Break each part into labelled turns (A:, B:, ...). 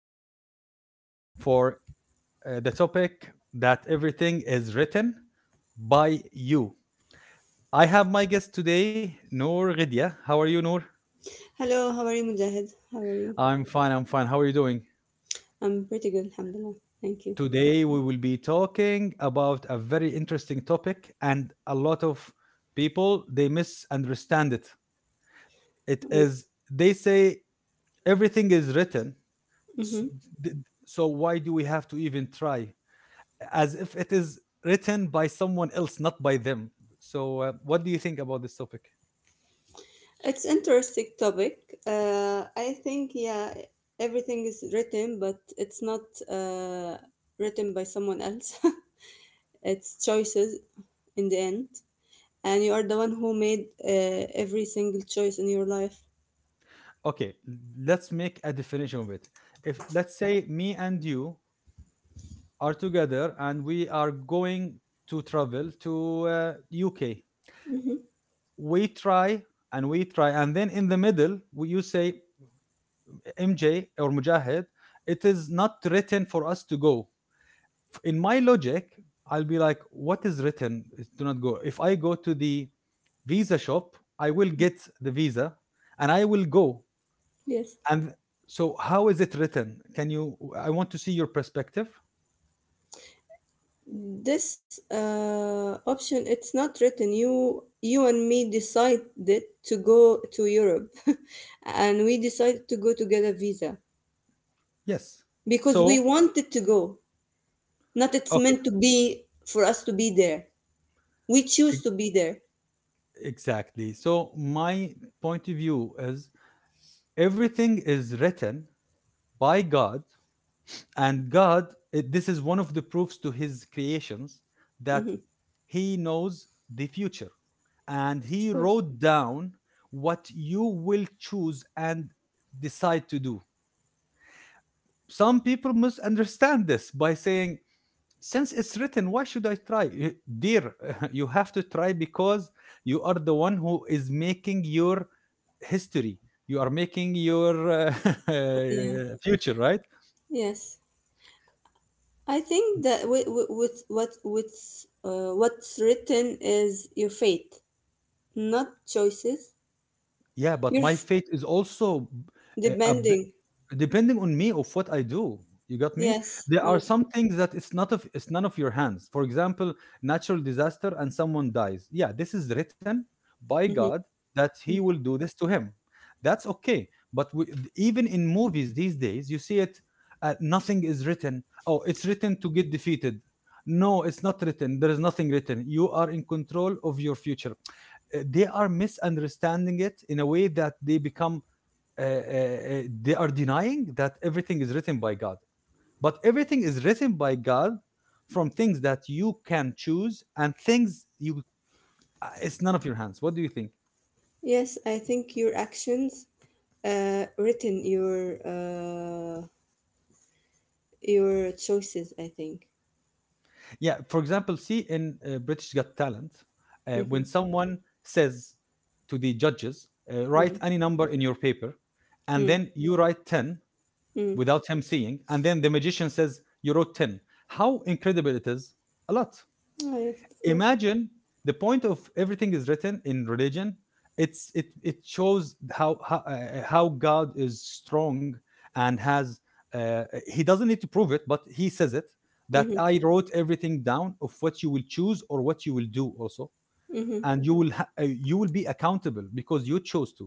A: host today for the topic that everything is written by you. I have my guest today, Noor Ghidia. How are you, Noor?
B: Hello, how are you, Mujahid? How are you?
A: I'm fine. I'm fine. How are you doing?
B: I'm pretty good, alhamdulillah. Thank you.
A: Today, we will be talking about a very interesting topic, and a lot of people they misunderstand it. It is, they say, everything is written. s-
B: Mm-hmm.
A: th- So, why do we have to even try? As if it is written by someone else, not by them. So, what do you think about this topic?
B: It's interesting topic. I think yeah, everything is written, but it's not uh, written by someone else. It's choices in the end, and you are the one who made every single choice in your life.
A: Okay, let's make a definition of it. If let's say me and you are together and we are going to travel to UK,
B: Mm-hmm.
A: we try we try, and then in the middle, you say MJ or Mujahid, it is not written for us to go. In my logic, I'll be like, what is written? Is do not go. If I go to the visa shop, I will get the visa and I will go.
B: Yes.
A: And so, how is it written? Can you? I want to see your perspective.
B: This option, it's not written. You and me decided to go to Europe, and we decided to go together visa
A: Yes.
B: because we
A: So,
B: wanted to go. Not it's
A: okay.
B: meant to be for us to be there. We choose to be there.
A: Exactly. So, my point of view is everything is written by God, and God, this is one of the proofs to his creations that
B: Hmm.
A: he knows the future and
B: Of
A: he
B: course.
A: wrote down what you will choose and decide to do. Some people misunderstand this by saying, since it's written, why should I try? Dear, you have to try because you are the one who is making your history, you are making your
B: Yeah.
A: future, right?
B: Yes. I think that with what's written is your fate, not choices.
A: Yeah, but
B: You're
A: my
B: f-
A: fate is also uh, a b-
B: Depending.
A: depending on me of what I do. You got me?
B: Yes.
A: There are
B: Yes.
A: some things that it's none of your hands. For example, natural disaster and someone dies. Yeah, this is written by God
B: Mhm.
A: that he will do this to him. That's okay. But we, even in movies these days, you see it, nothing is written. Oh, it's written to get defeated. No, it's not written. There is nothing written. You are in control of your future. They are misunderstanding it in a way that they become uh, uh, uh, they are denying that everything is written by God. But everything is written by God, from things that you can choose and things you, it's none of your hands. What do you think?
B: Yes, I think your actions written your your choices. I think.
A: Yeah, for example, see in British Got Talent,
B: Mm-hmm.
A: when someone says to the judges,
B: Mm-hmm.
A: write any number in your paper, and then you write 10
B: Mm-hmm.
A: without him seeing. And then the magician says, you wrote 10. How incredible it is! A lot.
B: Oh, yes, of course.
A: Imagine the point of everything is written in religion. It shows how how God is strong and has, uh, he doesn't need to prove it, but he says it, that
B: Mm-hmm.
A: I wrote everything down of what you will choose or what you will do also,
B: Mm-hmm.
A: and you will be accountable because you chose to.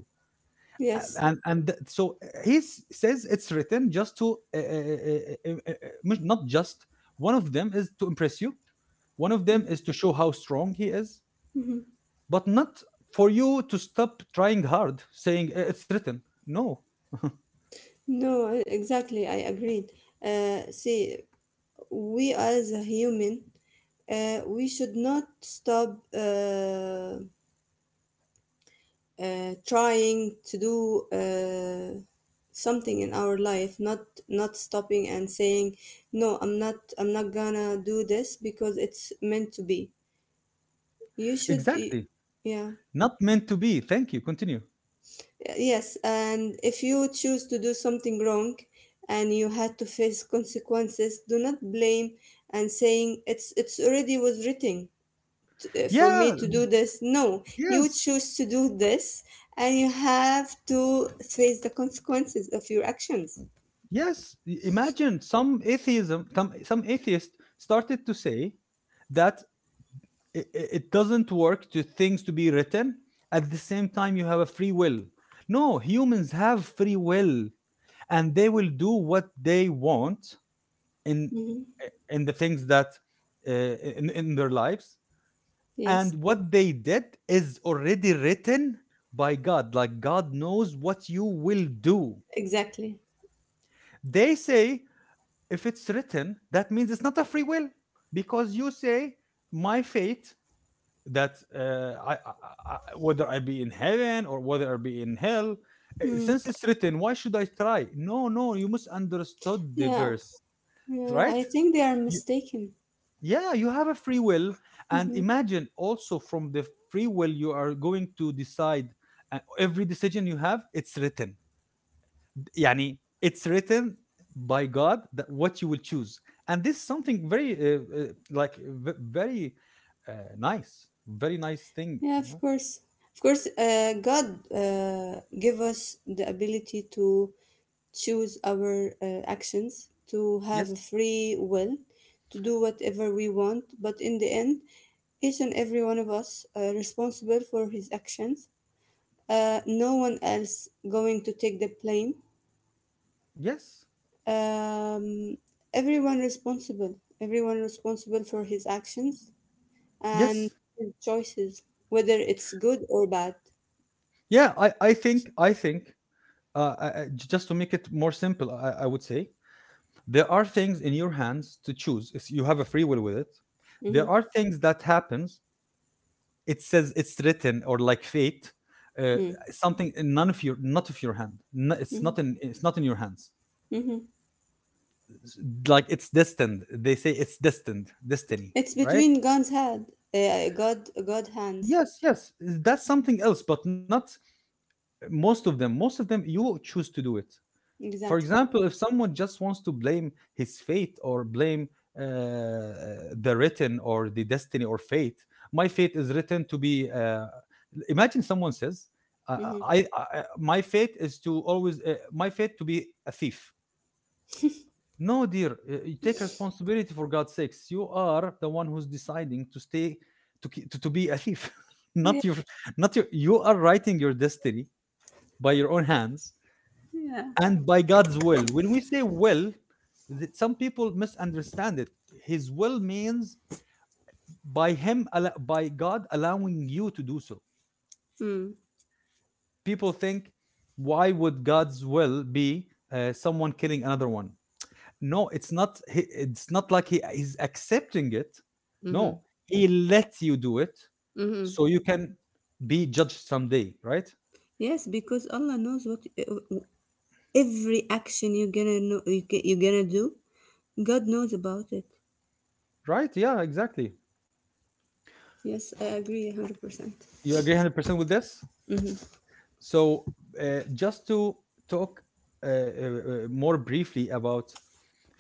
B: Yes.
A: And th- so he s- says it's written just to not just, one of them is to impress you, one of them
B: Mm-hmm.
A: is to show how strong he is,
B: Mm-hmm.
A: but not for you to stop trying hard saying, It's written." No,
B: No, exactly. I agreed. See, we as a human, we should not stop, trying to do something in our life, not stopping and saying, no, I'm not gonna do this because it's meant to be, you should
A: exactly.
B: yeah.
A: Not meant to be. Thank you, continue.
B: Yes, and if you choose to do something wrong and you had to face consequences, do not blame and saying, it's already was written for
A: Yeah.
B: me to do this. No, you
A: Yes.
B: choose to do this, and you have to face the consequences of your actions.
A: Yes, imagine some atheism, some atheist started to say that, it doesn't work to things to be written, at the same time you have a free will. No, humans have free will, and they will do what they want in
B: Hmm.
A: in the things that, in their lives, and
B: Yes,
A: what they did is already written by God, like God knows what you will do.
B: exactly.
A: They say if it's written, that means it's not a free will, because you say my fate, that I, whether I be in heaven or whether I be in hell,
B: Mm.
A: since it's written, why should I try? No, no, you must understand the
B: Yeah.
A: verse,
B: Yeah,
A: right?
B: I think they are
A: You,
B: mistaken.
A: yeah, you have a free will, and
B: Hmm.
A: imagine also from the free will you are going to decide. Every decision you have, it's written. Yani, it's written by God that what you will choose, and this is something very, like, very uh, nice, very nice thing.
B: Yeah,
A: You
B: of
A: know?
B: course. Of course, God give us the ability to choose our actions, to have
A: Yes.
B: a free will, to do whatever we want, but in the end, each and every one of us responsible for his actions. No one else going to take the blame.
A: Yes.
B: Um, Everyone responsible. Everyone responsible for his actions
A: Yes.
B: and his choices, whether it's good or bad.
A: Yeah. I think, I think, I. I- Just to make it more simple, I would say there are things in your hands to choose. It's, you have a free will with it.
B: Hmm.
A: There are things that happens. It says it's written or like fate, uh,
B: Hmm.
A: something in none of your, not of your hand. No,
B: Hmm.
A: it's not in your hands.
B: Hmm.
A: Like, it's destined. They say it's destined, destiny,
B: It's
A: right?
B: between God's hand, God hands.
A: Yes, yes. That's something else, but not most of them. Most of them, you choose to do it. For
B: Exactly.
A: example, if someone just wants to blame his fate or blame uh, the written or the destiny or fate, my fate is written to be. Imagine someone says, uh,
B: Hmm.
A: "I, my fate is to always my fate to be a thief." No, dear, you take responsibility for God's sakes. You are the one who's deciding to stay to ki- to be a thief,
B: Yeah.
A: not your not your. You are writing your destiny by your own hands,
B: Yeah.
A: and by God's will. When we say will, that some people misunderstand it. His will means by God allowing you to do so.
B: Mm,
A: People think, why would God's will be someone killing another one? No, it's not like he is accepting it.
B: mm-hmm,
A: No, he lets you do it
B: mm-hmm.
A: so you can be judged someday, right?
B: Yes, because Allah knows what every action you're gonna know, you're gonna do. God knows about it.
A: Right? Yeah, exactly.
B: Yes, I agree, 100%.
A: You agree 100% with this?
B: Mm-hmm,
A: So, just to talk more briefly about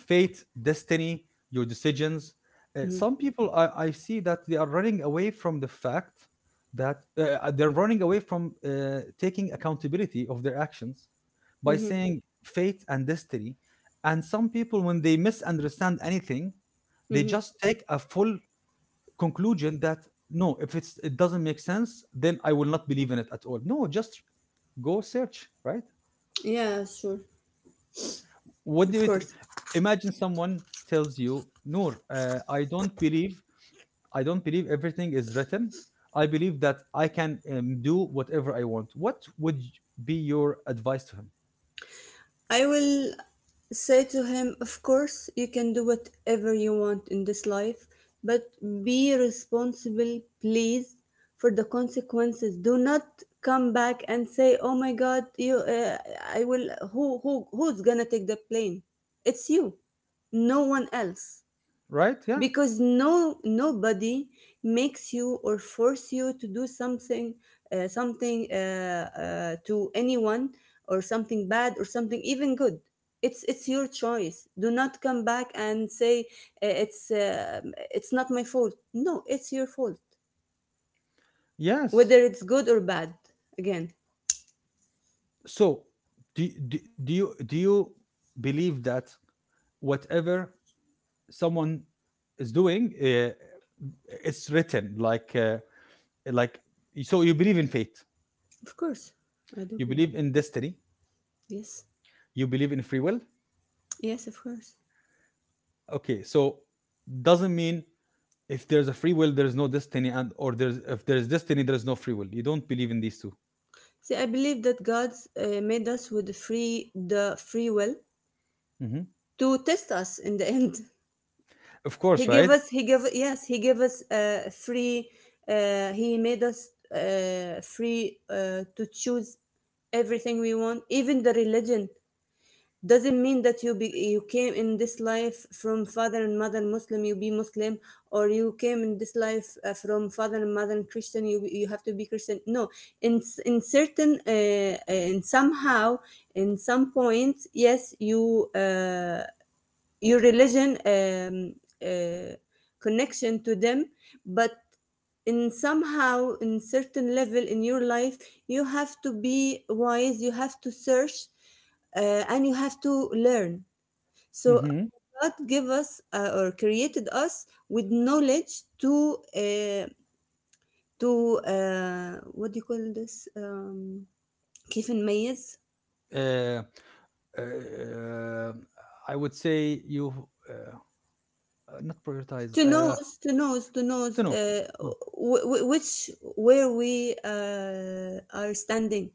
A: fate, destiny, your decisions,
B: mm-hmm,
A: some I see that they are running away from the fact that they're running away from taking accountability of their actions by
B: mm-hmm.
A: saying fate and destiny. And some people, when they misunderstand anything, they
B: Mm-hmm.
A: just take a full conclusion that, no, if it doesn't make sense, then I will not believe in it at all. No, just go search, right?
B: Yeah, sure,
A: What do
B: of
A: it?
B: course.
A: Imagine someone tells you, Noor, I don't believe everything is written. I believe that I can do whatever I want. What would be your advice to him?
B: I will say to him, of course, you can do whatever you want in this life, but be responsible, please, for the consequences. Do not come back and say, oh my God, I will, who's gonna take the blame? It's you, no one else,
A: Right? Yeah.
B: because no, nobody makes you or force you to do something something to anyone, or something bad or something even good. It's your choice. Do not come back and say, uh, it's uh, it's not my fault. No, it's your fault,
A: Yes.
B: whether it's good or bad, again.
A: So, do you do you believe that whatever someone is doing, it's written, like, like so you believe in fate,
B: Of course, I do
A: you believe
B: believe
A: in
B: it.
A: destiny,
B: Yes,
A: you believe in free will.
B: yes, of course.
A: Okay, so doesn't mean if there's a free will there's no destiny, and or there's if there's destiny there's no free will. You don't believe in these 2?
B: See, I believe that God's made us with a free the free will
A: Mhm.
B: to test us in the end.
A: Of
B: He
A: course,
B: gave
A: right.
B: us, he gave, Yes, he gave us free, he made us free to choose everything we want, even the religion. Doesn't mean that you came in this life from father and mother Muslim, you be Muslim, or you came in this life from father and mother Christian, you have to be Christian. No, in certain in somehow, in some points, yes, you. Your religion uh, connection to them, but in somehow, in certain level in your life, you have to be wise, you have to search, and you have to learn. So
A: Hmm.
B: God give us or created us with knowledge to what do you call this, كيف نميز.
A: Uh, I would say you, uh, uh, not prioritize,
B: to knows to knows to
A: don't
B: knows
A: know.
B: uh, which, where we are standing,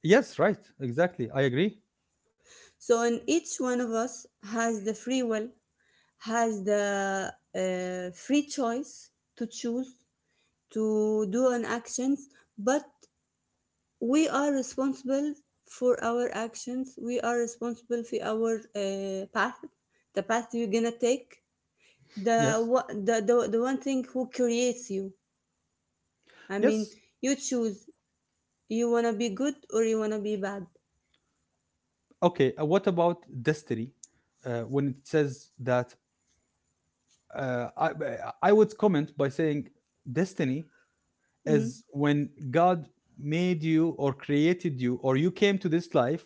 A: Yes, right, exactly, I agree.
B: so in each one of us, has the free will, has the free choice to choose, to do an actions, but we are responsible for our actions, we are responsible for our path, the path you're gonna take,
A: Yes.
B: the, wha- the one thing who creates you, I mean,
A: Yes.
B: you choose. You wanna be good or you wanna be bad.
A: Okay. What about destiny? When it says that, would comment by saying destiny
B: Mhm,
A: is when God made you or created you, or you came to this life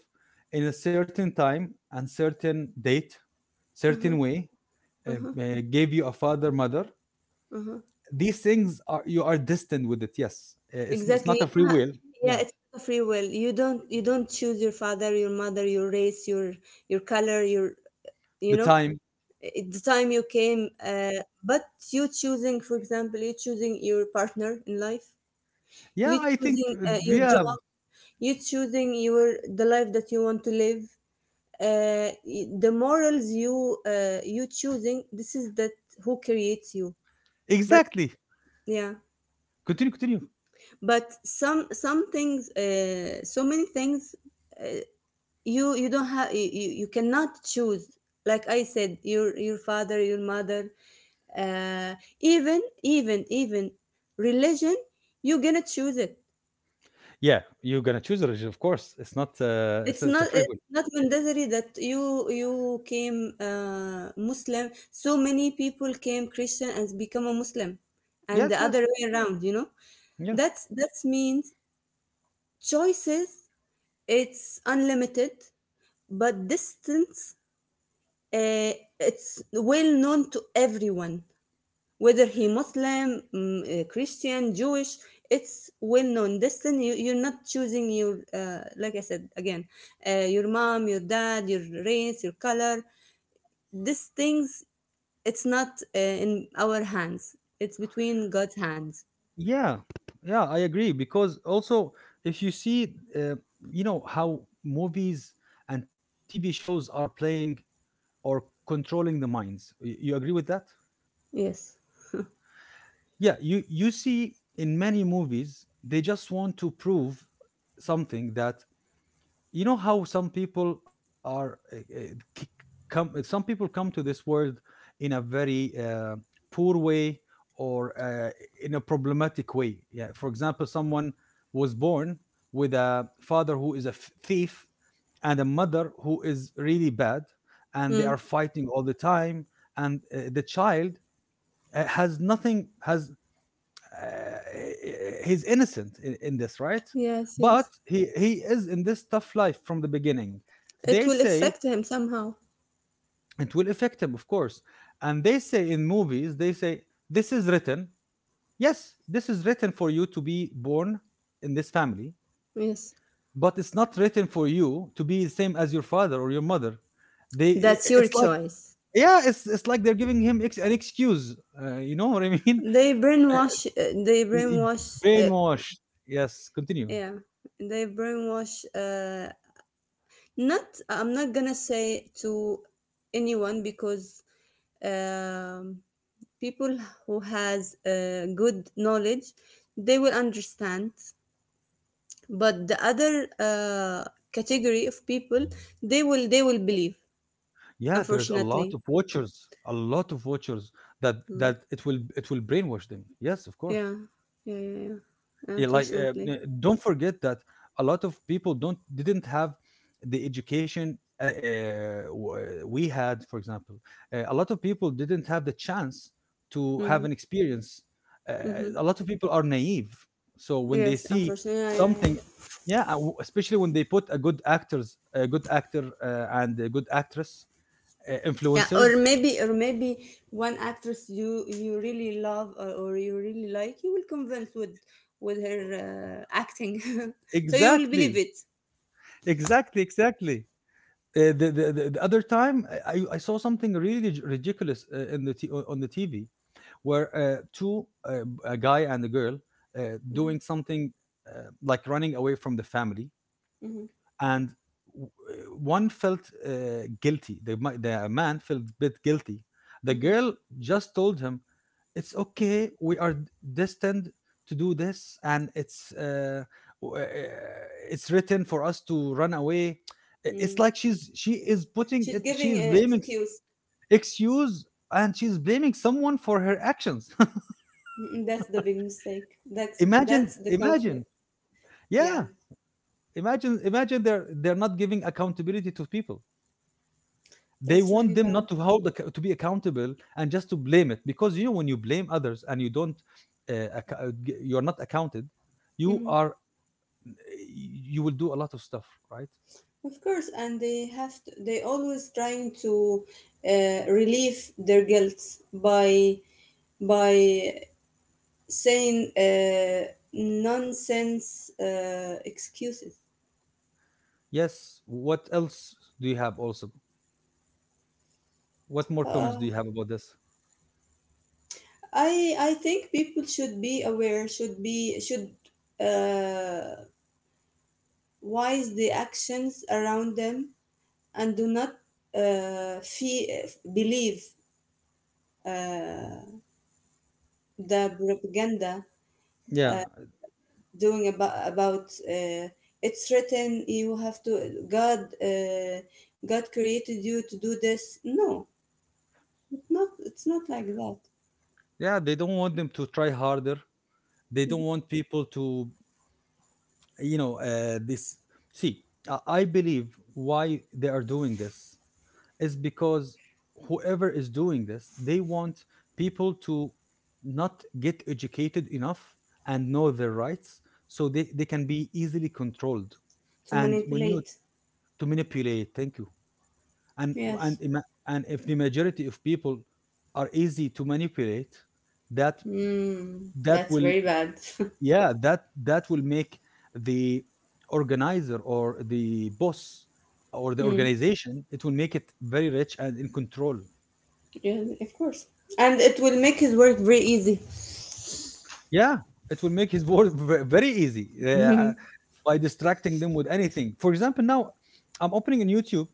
A: in a certain time and certain date, certain
B: mhm,
A: way, uh,
B: mhm,
A: uh, gave you a father, mother.
B: mhm.
A: These things are, you are destined with it. Yes, it's
B: Exactly.
A: not
B: You
A: a free
B: don't ha
A: will.
B: Yeah,
A: Yeah,
B: it's a free will. You don't choose your father, your mother, your race, your color, your, you
A: the
B: know,
A: time.
B: it, the time you came. But you choosing, for example, you choosing your partner in life.
A: Yeah,
B: You
A: I think.
B: choosing your
A: Yeah,
B: job. You choosing your the life that you want to live. The morals you, you choosing. This is that who creates you. But
A: exactly.
B: yeah.
A: Continue, continue.
B: But some things, so many things, uh, you cannot choose, like I said, your father, your mother, uh, even religion, you gonna choose it.
A: Yeah, you're gonna choose a religion, of course. It's not. It's,
B: it's
A: it's a
B: not
A: free will.
B: it's not mandatory that you came Muslim. So many people came Christian and become a Muslim, and
A: Yes,
B: the other
A: yes,
B: way around, you know.
A: yeah,
B: That means choices. It's unlimited. But distance, uh, it's well known to everyone, whether he Muslim, Christian, Jewish. It's well known. Distance, you're not choosing your, like I said again, your mom, your dad, your race, your color. These things, it's not in our hands. It's between God's hands.
A: yeah, yeah. I agree because also if you see, uh, you know how movies and TV shows are playing or controlling the minds. You agree with that?
B: Yes.
A: Yeah. You see in many movies they just want to prove something, that, you know how some people are k- come, some people come to this world in a very poor way, or in a problematic way. Yeah, for example, someone was born with a father who is a thief, and a mother who is really bad, and they
B: Mm.
A: are fighting all the time, and the child has nothing has uh, he's innocent in this, right?
B: Yes,
A: But
B: yes.
A: he is in this tough life from the beginning. They
B: It will
A: say
B: affect him somehow.
A: it will affect him, of course, and they say in movies they say this is written. Yes, this is written for you to be born in this family,
B: Yes.
A: but it's not written for you to be the same as your father or your mother.
B: That's your
A: It's like,
B: choice.
A: yeah, it's like they're giving him an excuse. You know what I mean?
B: They brainwash. They
A: He
B: brainwash.
A: Brainwashed. Yes, continue.
B: Yeah, they brainwash. Not. I'm not gonna say to anyone, because um, people who has good knowledge, they will understand. But the other category of people, they will believe.
A: Yeah, there's a lot
B: Unfortunately.
A: of watchers, a lot of watchers that
B: Mm.
A: that it will brainwash them. Yes, of course.
B: Yeah. Yeah. Yeah. Yeah.
A: Yeah, like
B: Unfortunately.
A: don't forget that a lot of people don't didn't have the education we had, for example. A lot of people didn't have the chance to have
B: Mm-hmm.
A: an experience. Uh,
B: Mm-hmm.
A: a lot of people are naive, so when they
B: Yes.
A: see
B: Unfortunately. Yeah. Yeah. Yeah.
A: something, yeah, especially when they put a good actors, a good actor, and a good actress,
B: Yeah, or
A: influencers.
B: maybe, one actress you really love, or you really like, you will convince with her acting, so you will believe
A: Exactly,
B: it.
A: exactly, exactly. Uh, the, the other time I saw something really ridiculous on the TV where two a guy and a girl, uh, doing
B: Hmm.
A: something, like running away from the family,
B: Hmm.
A: and one felt uh, guilty. The man felt a bit guilty. The
B: Hmm.
A: girl just told him, "It's okay. We are destined to do this, and w- uh, it's written for us to run away."
B: Mm.
A: It's like she is putting
B: She's
A: it. She
B: giving
A: is
B: an
A: blaming
B: excuse.
A: excuse, and she's blaming someone for her actions.
B: Mhm. That's the big mistake. That's
A: Imagine,
B: that's the
A: imagine,
B: conflict. Yeah,
A: yeah. Imagine, imagine they're not giving accountability to people. They
B: that's really
A: want them
B: bad.
A: not to hold acc- to be accountable and just to blame it, because you know, when you blame others and you don't you are not accounted, you
B: Hmm.
A: are, you will do a lot of stuff, right?
B: Of course, and they always trying to relieve their guilt by by saying nonsense excuses.
A: Yes, what else do you have also, what more comments
B: Uh,
A: do you have about this?
B: I think people should be aware, should uh, wise the actions around them, and do not uh, fee- believe uh, the propaganda
A: Yeah,
B: uh, doing about. It's written, you have to God, God created you to do this. No, not, it's not like that.
A: yeah, they don't want them to try harder. They don't want people to, you know, this, see, I believe why they are doing this is because whoever is doing this, they want people to not get educated enough and know their rights, so they can be easily controlled.
B: To
A: And when you,
B: manipulate.
A: to manipulate, thank you. And and
B: Yes.
A: ima- and if the majority of people are easy to manipulate, that
B: Mm,
A: that
B: that's
A: will
B: very bad.
A: yeah, that will make the organizer or the boss or the
B: mm,
A: organization, it will make it very rich and in control.
B: yeah, of course. And it will make his work very easy.
A: Yeah, it will make his work very easy, by distracting them with anything. For example, now I'm opening in YouTube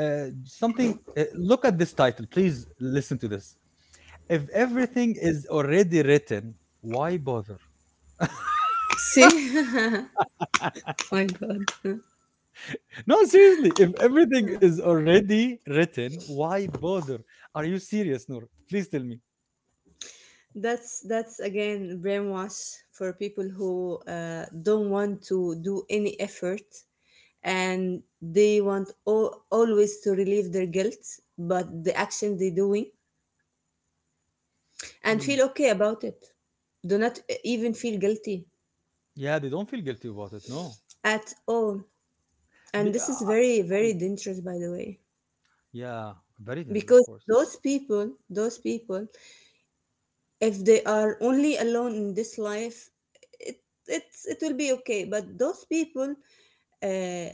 A: something. Look at this title. Please listen to this. If everything is already written, why bother?
B: See? My God.
A: No, seriously. If everything is already written, why bother? Are you serious, Noor? Please tell me.
B: That's again brainwash for people who don't want to do any effort, and they want always to relieve their guilt, but the action they're doing, and
A: Mm.
B: feel okay about it. Do not even feel guilty
A: Yeah, they don't feel guilty about it. No.
B: at all. And
A: Be-
B: this is
A: uh,
B: very, very dangerous, by the way,
A: yeah, very dangerous, of
B: because
A: course.
B: those people, if they are only alone in this life, it it will be okay, but those people, uh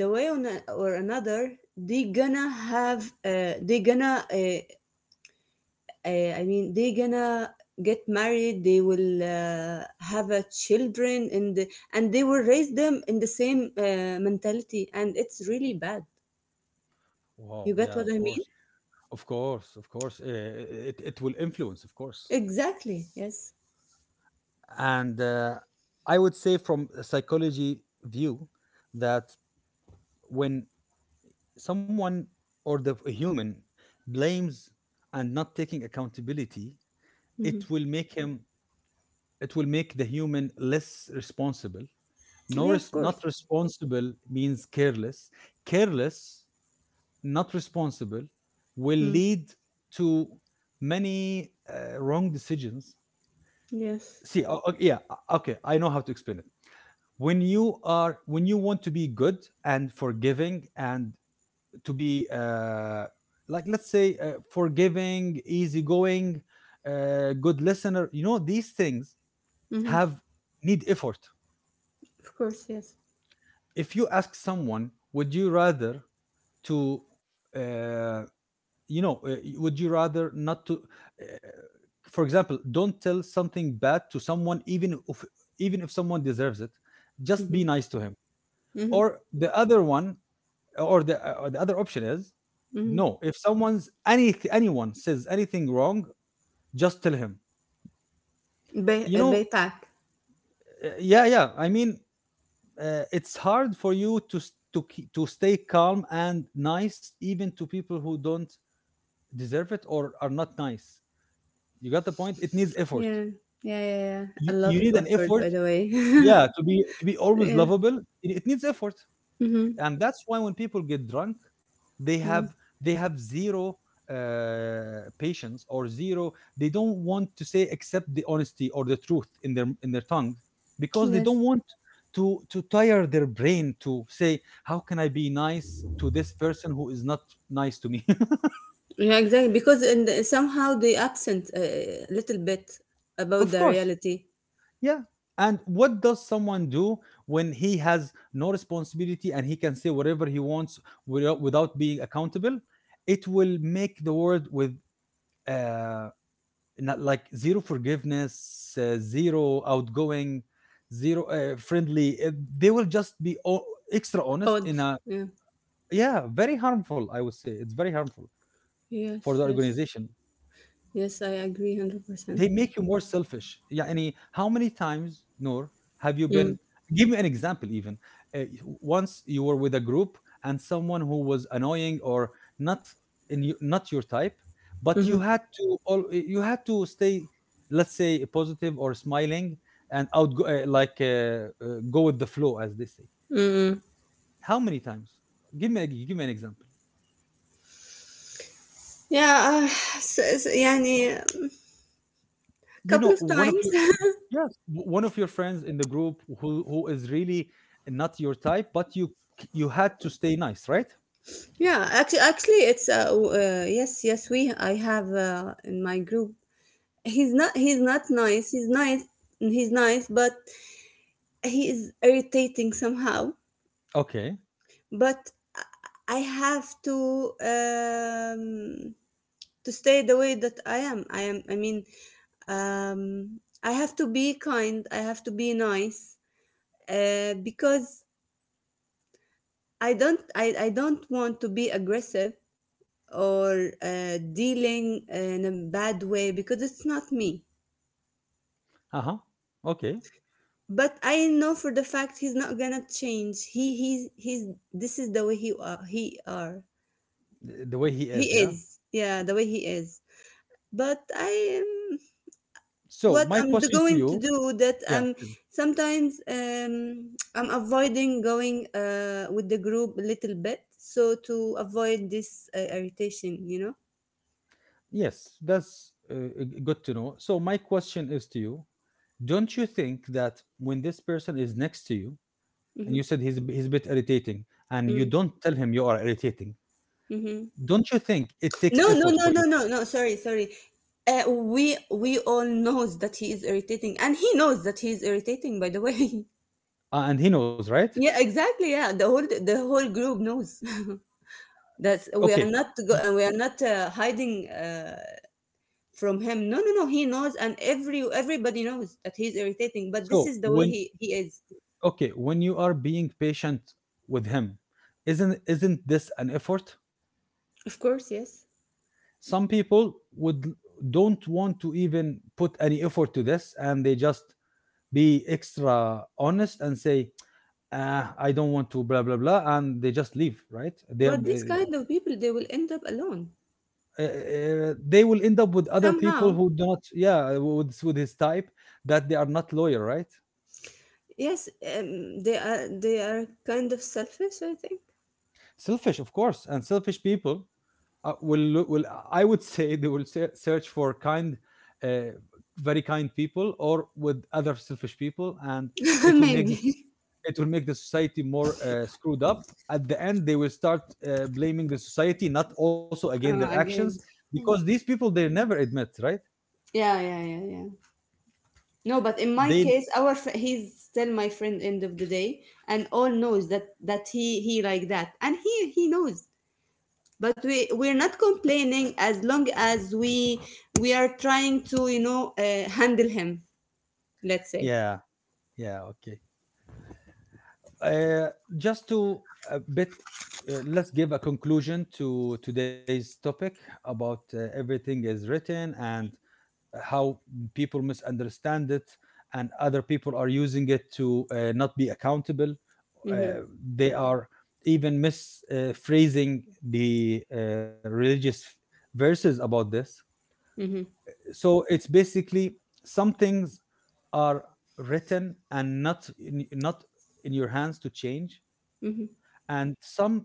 B: the way, or another, they gonna have they gonna I mean, they gonna get married, they will have a children, and they will raise them in the same mentality, and it's really bad.
A: Wow.
B: You get
A: Yeah,
B: what
A: of
B: I
A: course.
B: mean?
A: Of course, of course. It, it will influence, of course.
B: Exactly. Yes.
A: And I would say, from a psychology view, that when someone or the a human blames and not taking accountability,
B: Hmm.
A: it will make him, it will make the human less responsible. No,
B: Yeah. Of course.
A: not responsible means careless. Careless, not responsible, will
B: Mm.
A: lead to many wrong decisions.
B: Yes.
A: See, yeah, okay, I know how to explain it. When you are, when you want to be good and forgiving and to be like, let's say, forgiving, easygoing, good listener, you know, these things
B: Hmm.
A: have, need effort.
B: Of course. Yes.
A: If you ask someone, would you rather to, uh, would you rather not to, for example, don't tell something bad to someone, even if, even if someone deserves it, just be
B: Hmm.
A: nice to him,
B: Hmm.
A: or the other one, or the other option is
B: Hmm.
A: no, if someone's, any anyone says anything wrong, just tell him, you know.
B: Baypack.
A: Yeah, yeah, I mean, it's hard for you to to keep, to stay calm and nice even to people who don't deserve it or are not nice. You got the point, it needs effort.
B: Yeah. Yeah. Yeah. Yeah. A
A: you,
B: lot
A: you
B: of
A: need an
B: effort,
A: effort,
B: by the way.
A: yeah, to be, to be always
B: Yeah.
A: lovable, it needs effort.
B: Hmm.
A: And that's why when people get drunk, they have,
B: Mm.
A: they have zero patience, or zero, they don't want to say, accept the honesty or the truth in their, in their tongue, because they
B: Yes.
A: don't want to tire their brain to say, how can I be nice to this person who is not nice to me.
B: Yeah. Exactly. Because, and somehow they absent a little bit about
A: Of
B: the
A: course.
B: reality.
A: Yeah. And what does someone do when he has no responsibility and he can say whatever he wants without, without being accountable? It will make the world with uh, not like zero forgiveness, zero outgoing, zero friendly. They will just be extra honest
B: Odd.
A: in a,
B: Yeah.
A: yeah, very harmful, I would say. It's very harmful for the
B: Yes. Yes.
A: organization.
B: Yes. I agree. 100%.
A: They make you more selfish. يعني, how many times, Noor, have you
B: Mm.
A: been? Give me an example, even. Uh, Once you were with a group and someone who was annoying or not in you, not your type, but
B: Mm-hmm.
A: you had to, all you had to stay, let's say, positive or smiling and outgo like, go with the flow, as they say.
B: Mm-hmm.
A: How many times? Give me a, give me an example.
B: Yeah. Uh, يعني.
A: You
B: Couple
A: know,
B: of
A: one of
B: times.
A: your, yes, one of your friends in the group who is really not your type, but you had to stay nice, right?
B: Yeah, actually, yes, yes, we I have in my group. He's not nice. He's nice. He's nice, but he is irritating somehow.
A: Okay.
B: But I I have to, um to stay the way that I am. I am, I mean, I have to be kind. I have to be nice. Because I don't want to be aggressive, or dealing in a bad way, because it's not me.
A: Uh huh. Okay.
B: But I know for the fact he's not gonna change, he he's this is the way he are.
A: The way he
B: He
A: is, yeah.
B: is, yeah, the way he is. But I am.
A: So
B: What
A: my
B: I'm
A: question to
B: going to
A: you,
B: do, that
A: yeah,
B: I'm sometimes, I'm avoiding going with the group a little bit, so to avoid this irritation.
A: yes, that's good to know. So my question is to you: don't you think that when this person is next to you, and
B: Mm-hmm,
A: you said he's a he's a bit irritating, and you
B: mm-hmm.
A: don't tell him you are irritating,
B: Mm-hmm.
A: don't you think it takes
B: No, no,
A: effort for
B: no,
A: you?
B: no, no, no. Sorry, sorry. We all knows that he is irritating, and he knows that he is irritating. By the way,
A: And he knows, right?
B: yeah, exactly. Yeah, the whole group knows. That's, we
A: Okay.
B: are not
A: y-
B: go, and we are not hiding from him. No, no, no. He knows, and everybody knows that he's irritating. But this
A: So
B: is the way
A: when,
B: he is.
A: okay, when you are being patient with him, isn't this an effort?
B: Of course, yes.
A: Some people would, don't want to even put any effort to this, and they just be extra honest and say, I don't want to blah blah blah, and they just leave, right?
B: But this kind of people, they will end up alone
A: They will end up with other people
B: somehow.
A: who do not, yeah, with his type, that they are not loyal, right?
B: Yes, they are kind of selfish. I think.
A: Selfish, of course, and selfish people will look, will, I would say they will search for kind, uh, very kind people, or with other selfish people, and it will make
B: Maybe.
A: this it will make the society more screwed up. At the end, they will start blaming the society, not also again their actions,
B: Again.
A: because these people, they never admit, right?
B: Yeah, yeah, yeah, yeah. No, but in my
A: They,
B: case, he's still my friend, end of the day, and all knows that he like that, and he knows. But we're not complaining, as long as we are trying to, handle him. Let's say.
A: yeah yeah okay. Uh, just to a bit. Let's give a conclusion to today's topic about everything is written and how people misunderstand it, and other people are using it to not be accountable, uh,
B: Mhm.
A: they are even misphrasing the religious verses about this.
B: Mhm.
A: So it's basically, some things are written and not in, not in your hands to change,
B: Mhm.
A: and some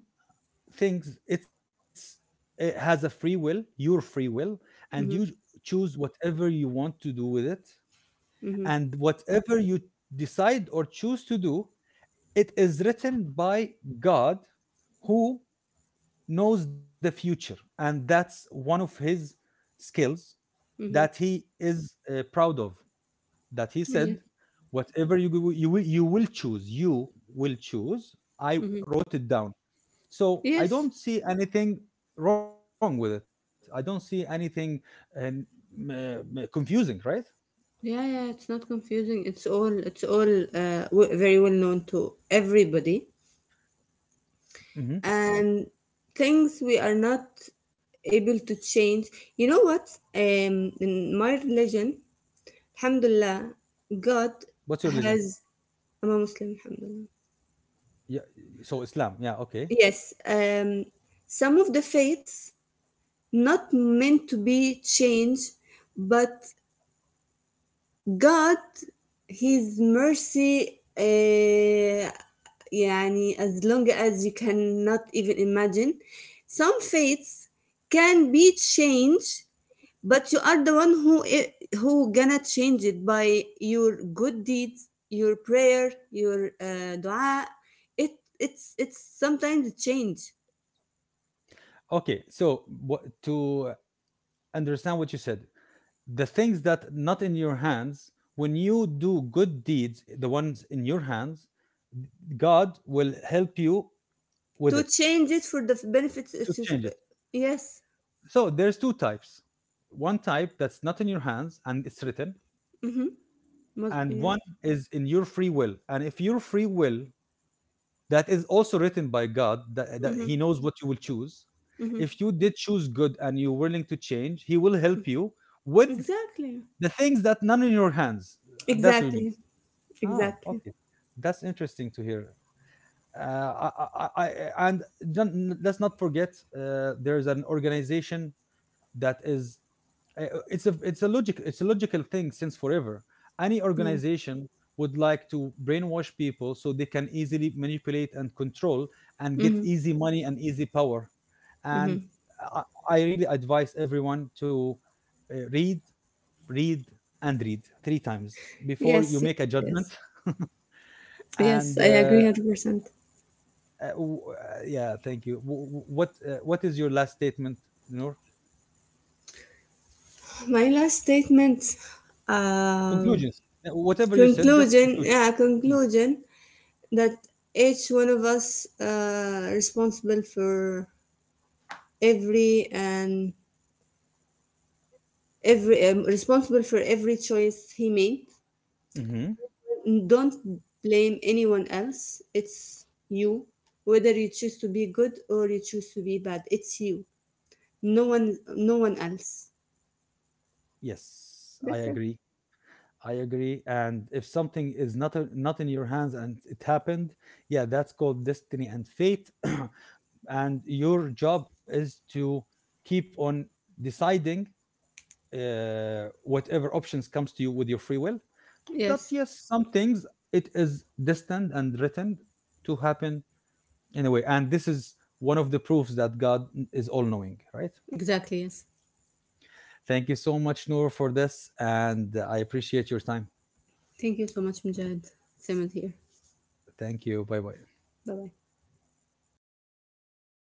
A: things, it's, it has a free will, your free will, and you
B: Mhm.
A: choose whatever you want to do with it.
B: Mhm.
A: And whatever you decide or choose to do, it is written by God, who knows the future, and that's one of his skills that
B: Mhm.
A: he is proud of, that he said,
B: Yeah.
A: whatever you will choose, you will choose, I
B: Mhm.
A: wrote it down. So I
B: Yes.
A: don't see anything wrong with it, I don't see anything uh, m- confusing, right?
B: Yeah, yeah, it's not confusing. It's all, very well known to everybody.
A: Hmm,
B: And things we are not able to change. You know what? In my religion, Alhamdulillah, God
A: what's your religion?
B: has. I'm a Muslim, Alhamdulillah.
A: Yeah, so Islam, yeah, okay.
B: Yes, some of the faiths not meant to be changed, but God, His mercy. يعني, as long as you cannot even imagine, some faiths can be changed. But you are the one who, who gonna change it by your good deeds, your prayer, your dua. It it's sometimes change,
A: Okay, so to understand what you said, the things that not in your hands, when you do good deeds, the ones in your hands, God will help you with
B: to
A: it
B: change it for the benefits.
A: to
B: It's, if-
A: change it.
B: Yes.
A: So there's two types. One type that's not in your hands and it's written,
B: Mm-hmm. Must,
A: and one
B: yes.
A: is in your free will. And if your free will, that is also written by God, that He
B: Mm-hmm.
A: knows what you will choose. If
B: Mm-hmm.
A: you did choose good and you're willing to change, He will help you with
B: Exactly.
A: the things that none in your hands. That's what you mean.
B: Exactly.
A: Ah,
B: Exactly.
A: okay. That's interesting to hear. Uh, I, I, and Don't, let's not forget, there is an organization that is uh, it's a, it's a logic, it's a logical thing since forever. Any
B: Yeah.
A: organization would like to brainwash people so they can easily manipulate and control and get
B: Mm-hmm.
A: easy money and easy power. And I really advise everyone to uh, read read and read three times before
B: Yes.
A: you
B: Yes.
A: make a judgment.
B: Yes.
A: And
B: Yes, I agree, 100%.
A: yeah, thank you. What is your last statement, Noor?
B: My last statement. Uh,
A: Conclusions, whatever you said, just
B: Conclusion.
A: conclusions.
B: Yeah.
A: Mm.
B: Conclusion. That each one of us responsible for every and every responsible for every choice he made.
A: Mhm.
B: Don't blame anyone else, it's you. Whether you choose to be good or you choose to be bad, it's you, no one else.
A: Yes, I
B: That's it.
A: agree. I agree. And if something is not a, not in your hands and it happened, yeah, that's called destiny and fate. And your job is to keep on deciding whatever options comes to you with your free will. But
B: Yes,
A: yes, some things, it is destined and written to happen in a way. And this is one of the proofs that God is all knowing, right?
B: exactly, yes.
A: Thank you so much, Noor, for this. And I appreciate your time.
B: Thank you so much, Mujahid. Same here.
A: Thank you. Bye bye.
B: Bye bye.